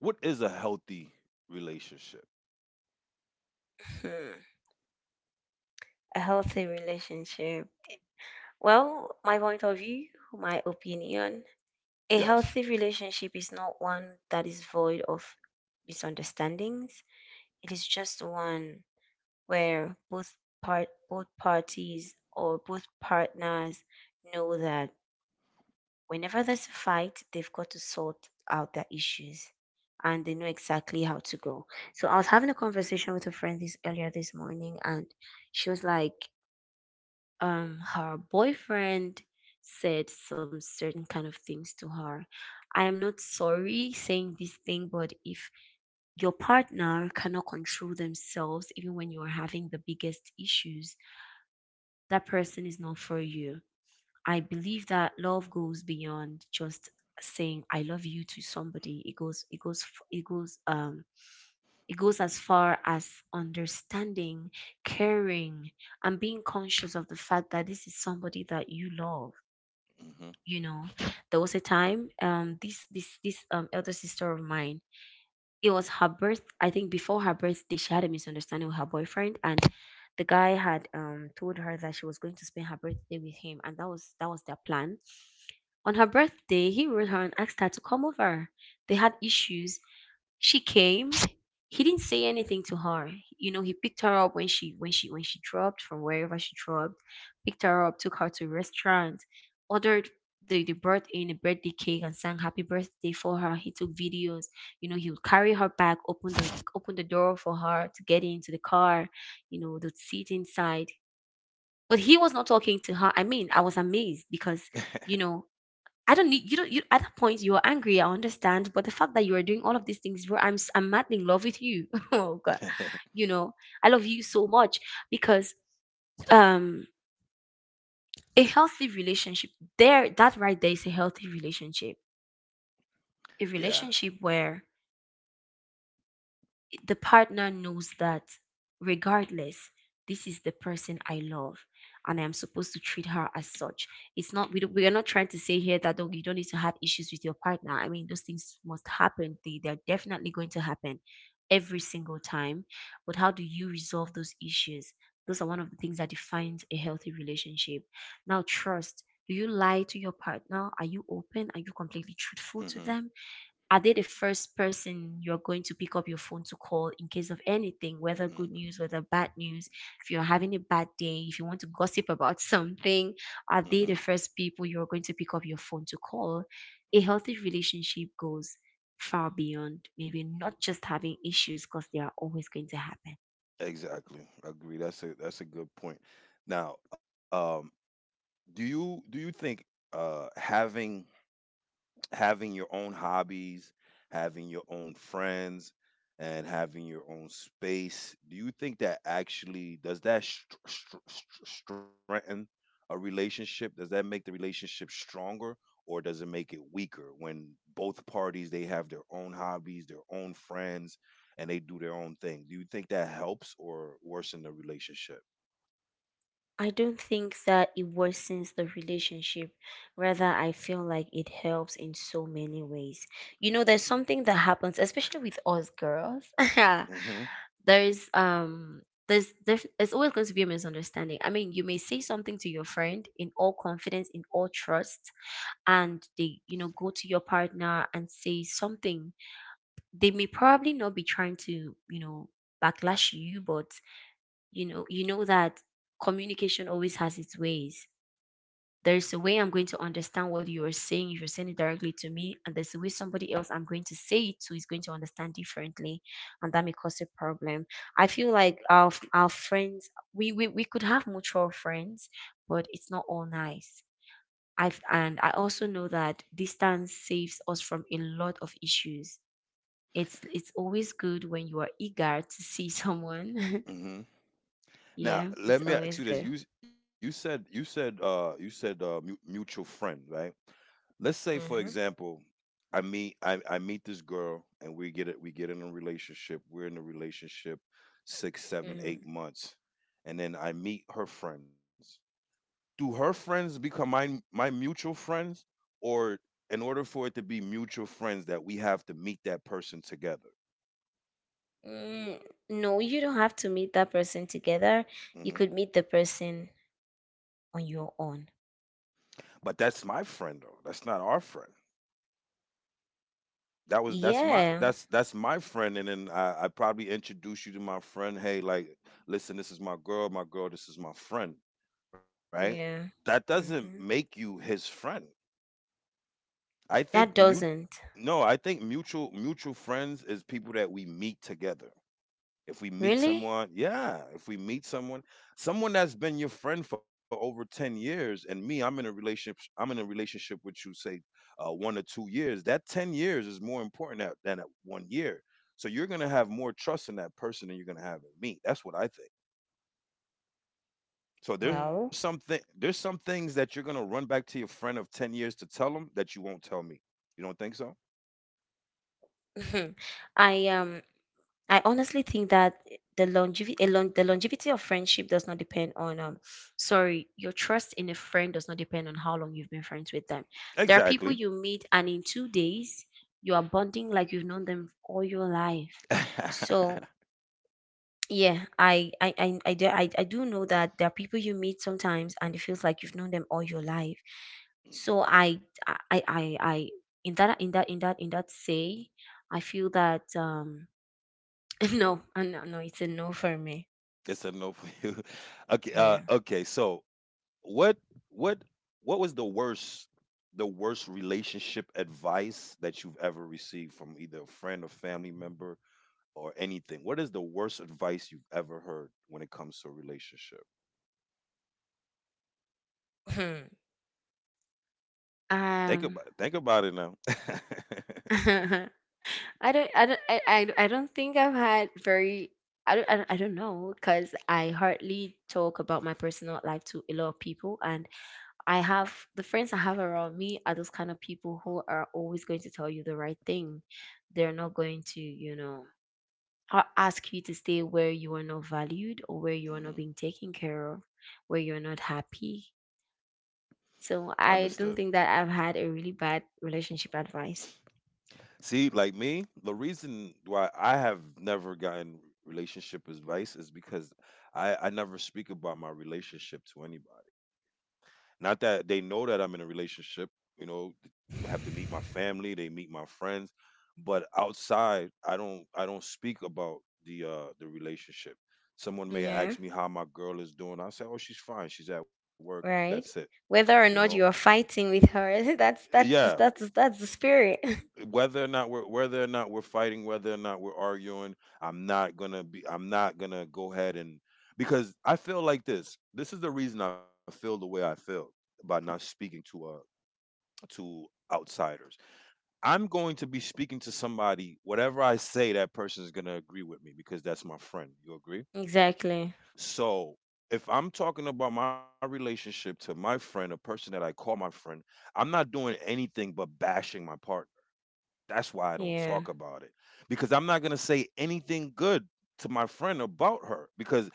what is a healthy relationship? Hmm. A healthy relationship. Well, my point of view, my opinion, a Yes. healthy relationship is not one that is void of misunderstandings. It is just one where both parties or both partners know that whenever there's a fight, they've got to sort out their issues and they know exactly how to go. So I was having a conversation with a friend this earlier this morning, and she was like, her boyfriend said some certain kind of things to her. I am not, sorry, saying this thing, but if your partner cannot control themselves even when you are having the biggest issues, that person is not for you. I believe that love goes beyond just saying I love you to somebody. It goes it goes f- it goes as far as understanding, caring, and being conscious of the fact that this is somebody that you love Mhm. you know there was a time, this this this elder sister of mine— it was, her birth I think, before her birthday, she had a misunderstanding with her boyfriend, and the guy had told her that she was going to spend her birthday with him, and that was their plan. On her birthday, he wrote her and asked her to come over. They had issues. She came. He didn't say anything to her. He picked her up when she dropped from wherever she dropped, picked her up, took her to a restaurant, ordered, they brought in a birthday cake and sang happy birthday for her, he took videos. He would carry her back, open the door for her to get into the car, to sit inside. But he was not talking to her. I mean, I was amazed because, you know I don't need— you don't— you, at that point, you are angry, I understand, but the fact that you are doing all of these things, bro, I'm madly in love with you. Oh god. You know, I love you so much because, um a healthy relationship— there, that right there is a healthy relationship. A Yeah. relationship where the partner knows that regardless, this is the person I love and I'm supposed to treat her as such. It's not— we, don't, we are not trying to say here that, oh, you don't need to have issues with your partner. I mean, those things must happen. They're definitely going to happen every single time. But how do you resolve those issues? Those are one of the things that defines a healthy relationship. Now, trust. Do you lie to your partner? Are you open? Are you completely truthful to them? Mhm. Are they the first person you're going to pick up your phone to call in case of anything, whether good news, Mm. whether bad news? If you're having a bad day, if you want to gossip about something, are they the Mhm. first people you're going to pick up your phone to call? A healthy relationship goes far beyond maybe not just having issues because they are always going to happen. Exactly. Agree. That's a, that's a good point. Now, do you think uh having having your own hobbies, having your own friends, and having your own space, do you think that actually does that strengthen a relationship, does that make the relationship stronger, or does it make it weaker when both parties they have their own hobbies, their own friends, and they do their own thing? Do you think that helps or worsen the relationship? I don't think that it worsens the relationship. Rather, I feel like it helps in so many ways. You know, there's something that happens, especially with us girls. Hmm there's um there's always going to be a misunderstanding. I mean, you may say something to your friend in all confidence, in all trust, and they, go This to your partner and say something. They may probably not be trying to, backlash you, but you know that communication always has its ways. There's a way I'm going to understand what you are saying if you're saying it directly to me, and there's a way somebody else I'm going to say it to is going to understand differently, and that may cause a problem. I feel like our friends, we could have mutual friends, but it's not all nice. I also know that distance saves us from a lot of issues. It's— it's always good when you are eager to see someone. hmm Now, Yeah, let it's me ask always you this. good. You said mu- mutual friend, right? Let's say, for Mm-hmm. example, I meet this girl and we get in a relationship. We're in a relationship six, seven, Mm-hmm. eight months, and then I meet her friends. Do her friends become my mutual friends, or in order for it to be mutual friends, that we have to meet that person together? Mm, no, you don't have to meet that person together. You hmm could meet the person on your own. But that's my friend though. That's not our friend. That was Yeah. That's my friend, and then I probably introduced you to my friend. Hey, like, listen, this is my girl, this is my friend, right? Yeah. That doesn't Mm-hmm. make you his friend. I That think mut doesn't. No, I think mutual friends is people that we meet together. If we meet Really? someone, yeah, if we meet someone, someone that's been your friend for over 10 years, and me, I'm in a relationship, I'm in a relationship with you say 1 or 2 years, that 10 years is more important tha- than that 1 year. So you're going to have more trust in that person than you're going to have in me. That's what I think. So there's Well, some things that you're going to run back to your friend of 10 years to tell them that you won't tell me. You don't think so? I um I honestly think that the longevity— the longevity of friendship does not depend on— sorry, your trust in a friend does not depend on how long you've been friends with them. There are people Exactly. you meet and in 2 days you are bonding like you've known them all your life. So. Yeah, I do know that there are people you meet sometimes and it feels like you've known them all your life. So in that say, I feel that no, no, no, it's a no for me. It's a no for you. Okay, Yeah. okay. So what what was the worst relationship advice that you've ever received from either a friend or family member or anything? What is the worst advice you've ever heard when it comes to a relationship? Hmm. Um. Think about it now. I don't think I've had very— I don't know because I hardly talk about my personal life to a lot of people, and I have the friends I have around me are those kind of people who are always going to tell you the right thing. They're not going to, ask you to stay where you are not valued or where you are not Mhm. being taken care of, where you're not happy. So Understood. I don't think that I've had a really bad relationship advice. See, like me, the reason why I have never gotten relationship advice is because I never speak about my relationship to anybody. Not that they know that I'm in a relationship, you know, th- have to meet my family, they meet my friends, but outside I don't speak about the relationship. Someone may Yeah, ask me how my girl is doing. I say, "Oh, she's fine. She's at work. That's it." right. You Whether or know? not you are fighting with her, that's— that's Yeah, the, that's the, that's the spirit. Whether or not we're fighting, whether or not we're arguing, I'm not going to go ahead and because I feel like this. This is the reason I feel the way I feel by not speaking to outsiders. I'm going to be speaking to somebody, whatever I say, that person is going to agree with me because that's my friend. You agree? Exactly. So if I'm talking about my relationship to my friend, a person that I call my friend, I'm not doing anything but bashing my partner. That's why I don't Yeah. talk about it because I'm not going to say anything good to my friend about her because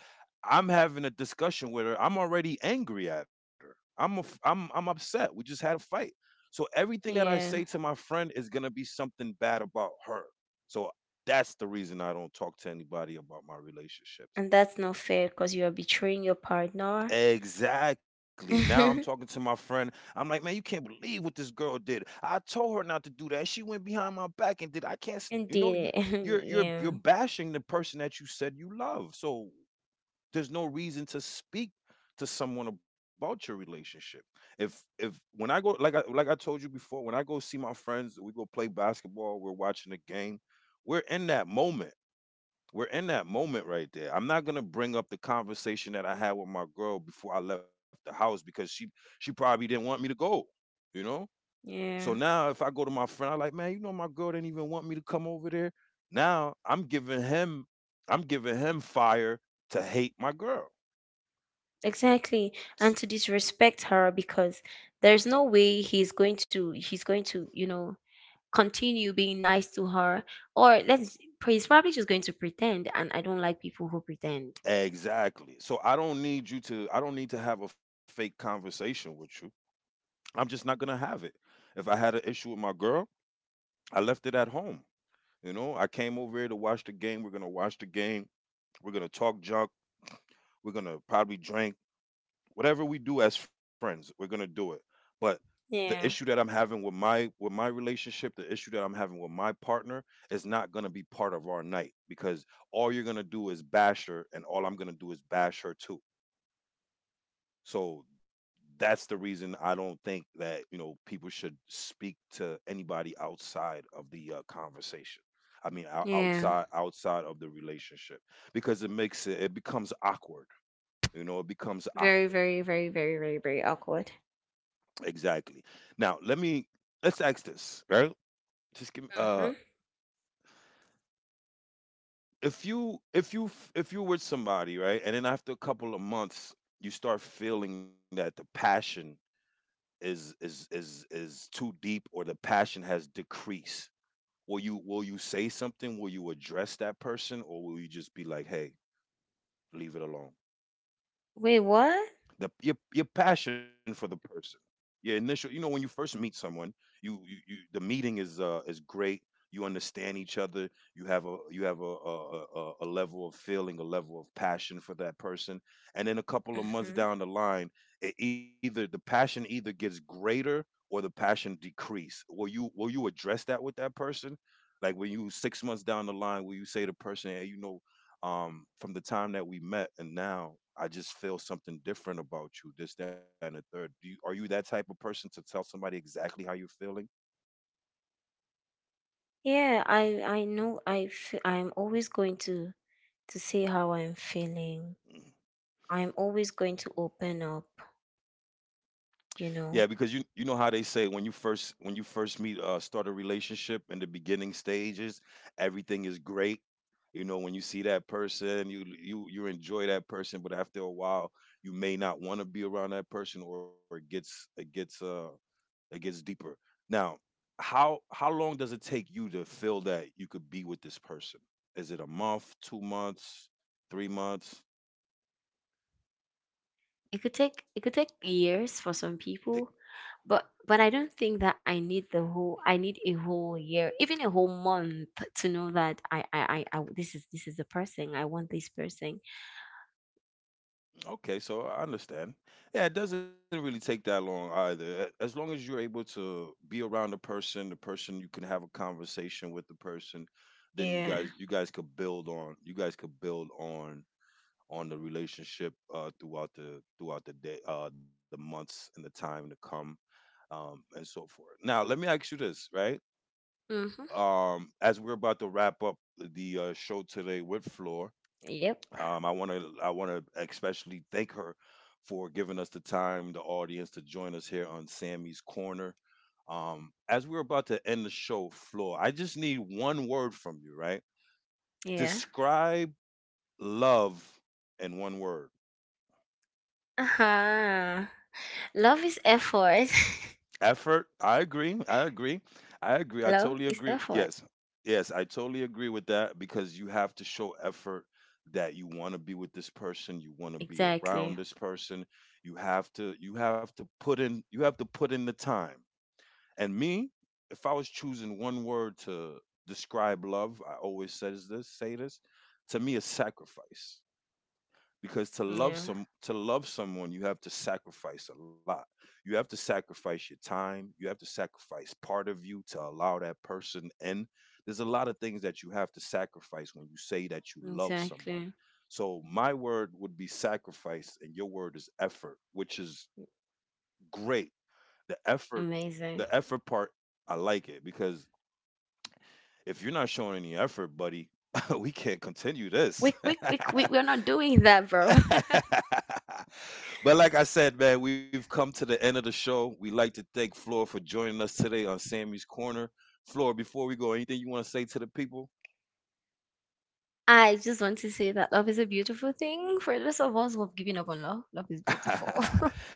I'm having a discussion with her. I'm already angry at her. I'm upset. We just had a fight. So everything that I say Yeah, to my friend is going to be something bad about her. So that's the reason I don't talk to anybody about my relationships. and that's not fair because you are betraying your partner. Exactly. Now I'm talking to my friend. I'm like, man, you can't believe what this girl did. I told her not to do that. She went behind my back and did. I can't. S- You know, you're Indeed. you're you're you're Yeah. bashing the person that you said you love. So there's no reason to speak to someone about your relationship. If when I go like I told you before, when I go see my friends, we go play basketball. We're watching a game. We're in that moment. We're in that moment right there. I'm not gonna bring up the conversation that I had with my girl before I left the house because she probably didn't want me to go, you know. So Yeah. now if I go to my friend, I like, man, you know, my girl didn't even want me to come over there. Now I'm giving him fire to hate my girl. Exactly. And S- to disrespect her because there's no way he's going to, continue being nice to her, or let's he's probably just going to pretend, and I don't like people who pretend. Exactly. So I don't need you to, I don't need to have a fake conversation with you. I'm just not gonna have it. If I had an issue with my girl, I left it at home. You know, I came over here to watch the game. We're gonna watch the game. We're gonna talk junk. We're gonna probably drink. Whatever we do as friends, we're gonna do it. But the issue that Yeah. I'm having with my relationship, the issue that I'm having with my partner is not gonna be part of our night because all you're gonna do is bash her, and all I'm gonna do is bash her too. So that's the reason I don't think that, people should speak to anybody outside of the conversation. I mean, ou- Yeah. outside outside of the relationship because it makes it it becomes awkward. It becomes Very, awkward. very, very, very, very, very awkward. Exactly. Now, let's ask this, right? Just give me, Mhm. if if you're with somebody, right? And then after a couple of months, you start feeling that the passion is too deep, or the passion has decreased. Will you say something? Will you address that person? Or will you just be like, hey, leave it alone? Wait, what? The, your passion for the person, your initial, you know, when you first meet someone, you, the meeting is, is great, you understand each other, you have a, you have a level of feeling, a level of passion for that person, and then a couple of months Mhm. down the line, it either, the passion either gets greater or the passion decrease. Will you address that with that person? Like when you, 6 months down the line, will you say to the person, hey, you know, from the time that we met and now I just feel something different about you, this, that, and the third. Do you, are you that type of person to tell somebody exactly how you're feeling? Yeah, I know— I'm always going to say how I'm feeling. Mm. I'm always going to open up, you Yeah, know. because you know how they say when you first, when you first meet, start a relationship in the beginning stages, everything is great. You know, when you see that person, you enjoy that person, but after a while, you may not want to be around that person, or it gets it gets deeper. Now, how long does it take you to feel that you could be with this person? Is it a month, 2 months, 3 months? It could take years for some Eh, people, but I don't think that I need a whole year, even a whole month, to know that I this is the person I want this person. okay, so I understand. Yeah, it doesn't really take that long either. A- As long as you're able to be around the person, the person, you can have a conversation with the person, then Yeah. You guys could build on the relationship, throughout the day, the months and the time to come, and so forth. Now, let me ask you this, right? Mhm. As we're about to wrap up the, show today with Floor, Yep. I want to especially thank her for giving us the time, the audience, to join us here on Sammy's Corner. As we're about to end the show, Floor, I just need one word from you, right? Yeah. Describe love in one word. Uh-huh. Love is effort. Effort. I agree. I Love totally is agree. effort. Yes. Yes, I totally agree with that because you have to show effort, that you want to be with this person, you want to be around Exactly. this person. You have to put in the time. And me, if I was choosing one word to describe love, I always says this say this: to me is sacrifice, because to love Yeah. some to love someone, you have to sacrifice a lot. You have to sacrifice your time, you have to sacrifice part of you to allow that person in. There's a lot of things that you have to sacrifice when you say that you love someone. Exactly. So my word would be sacrifice, and your word is effort, which is great. The effort, Amazing. the effort part, I like it, because if you're not showing any effort, buddy, we can't continue this. We we we we we're not doing that, bro. But like I said, man, we've come to the end of the show. We'd like to thank Flora for joining us today on Sammy's Corner. Flora, before we go, anything you want to say to the people? I just want to say that love is a beautiful thing. For those of us who have given up on love, love is beautiful.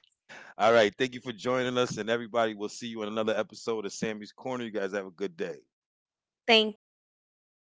All right. Thank you for joining us, and everybody, we'll see you in another episode of Sammy's Corner. You guys have a good day. Thank you so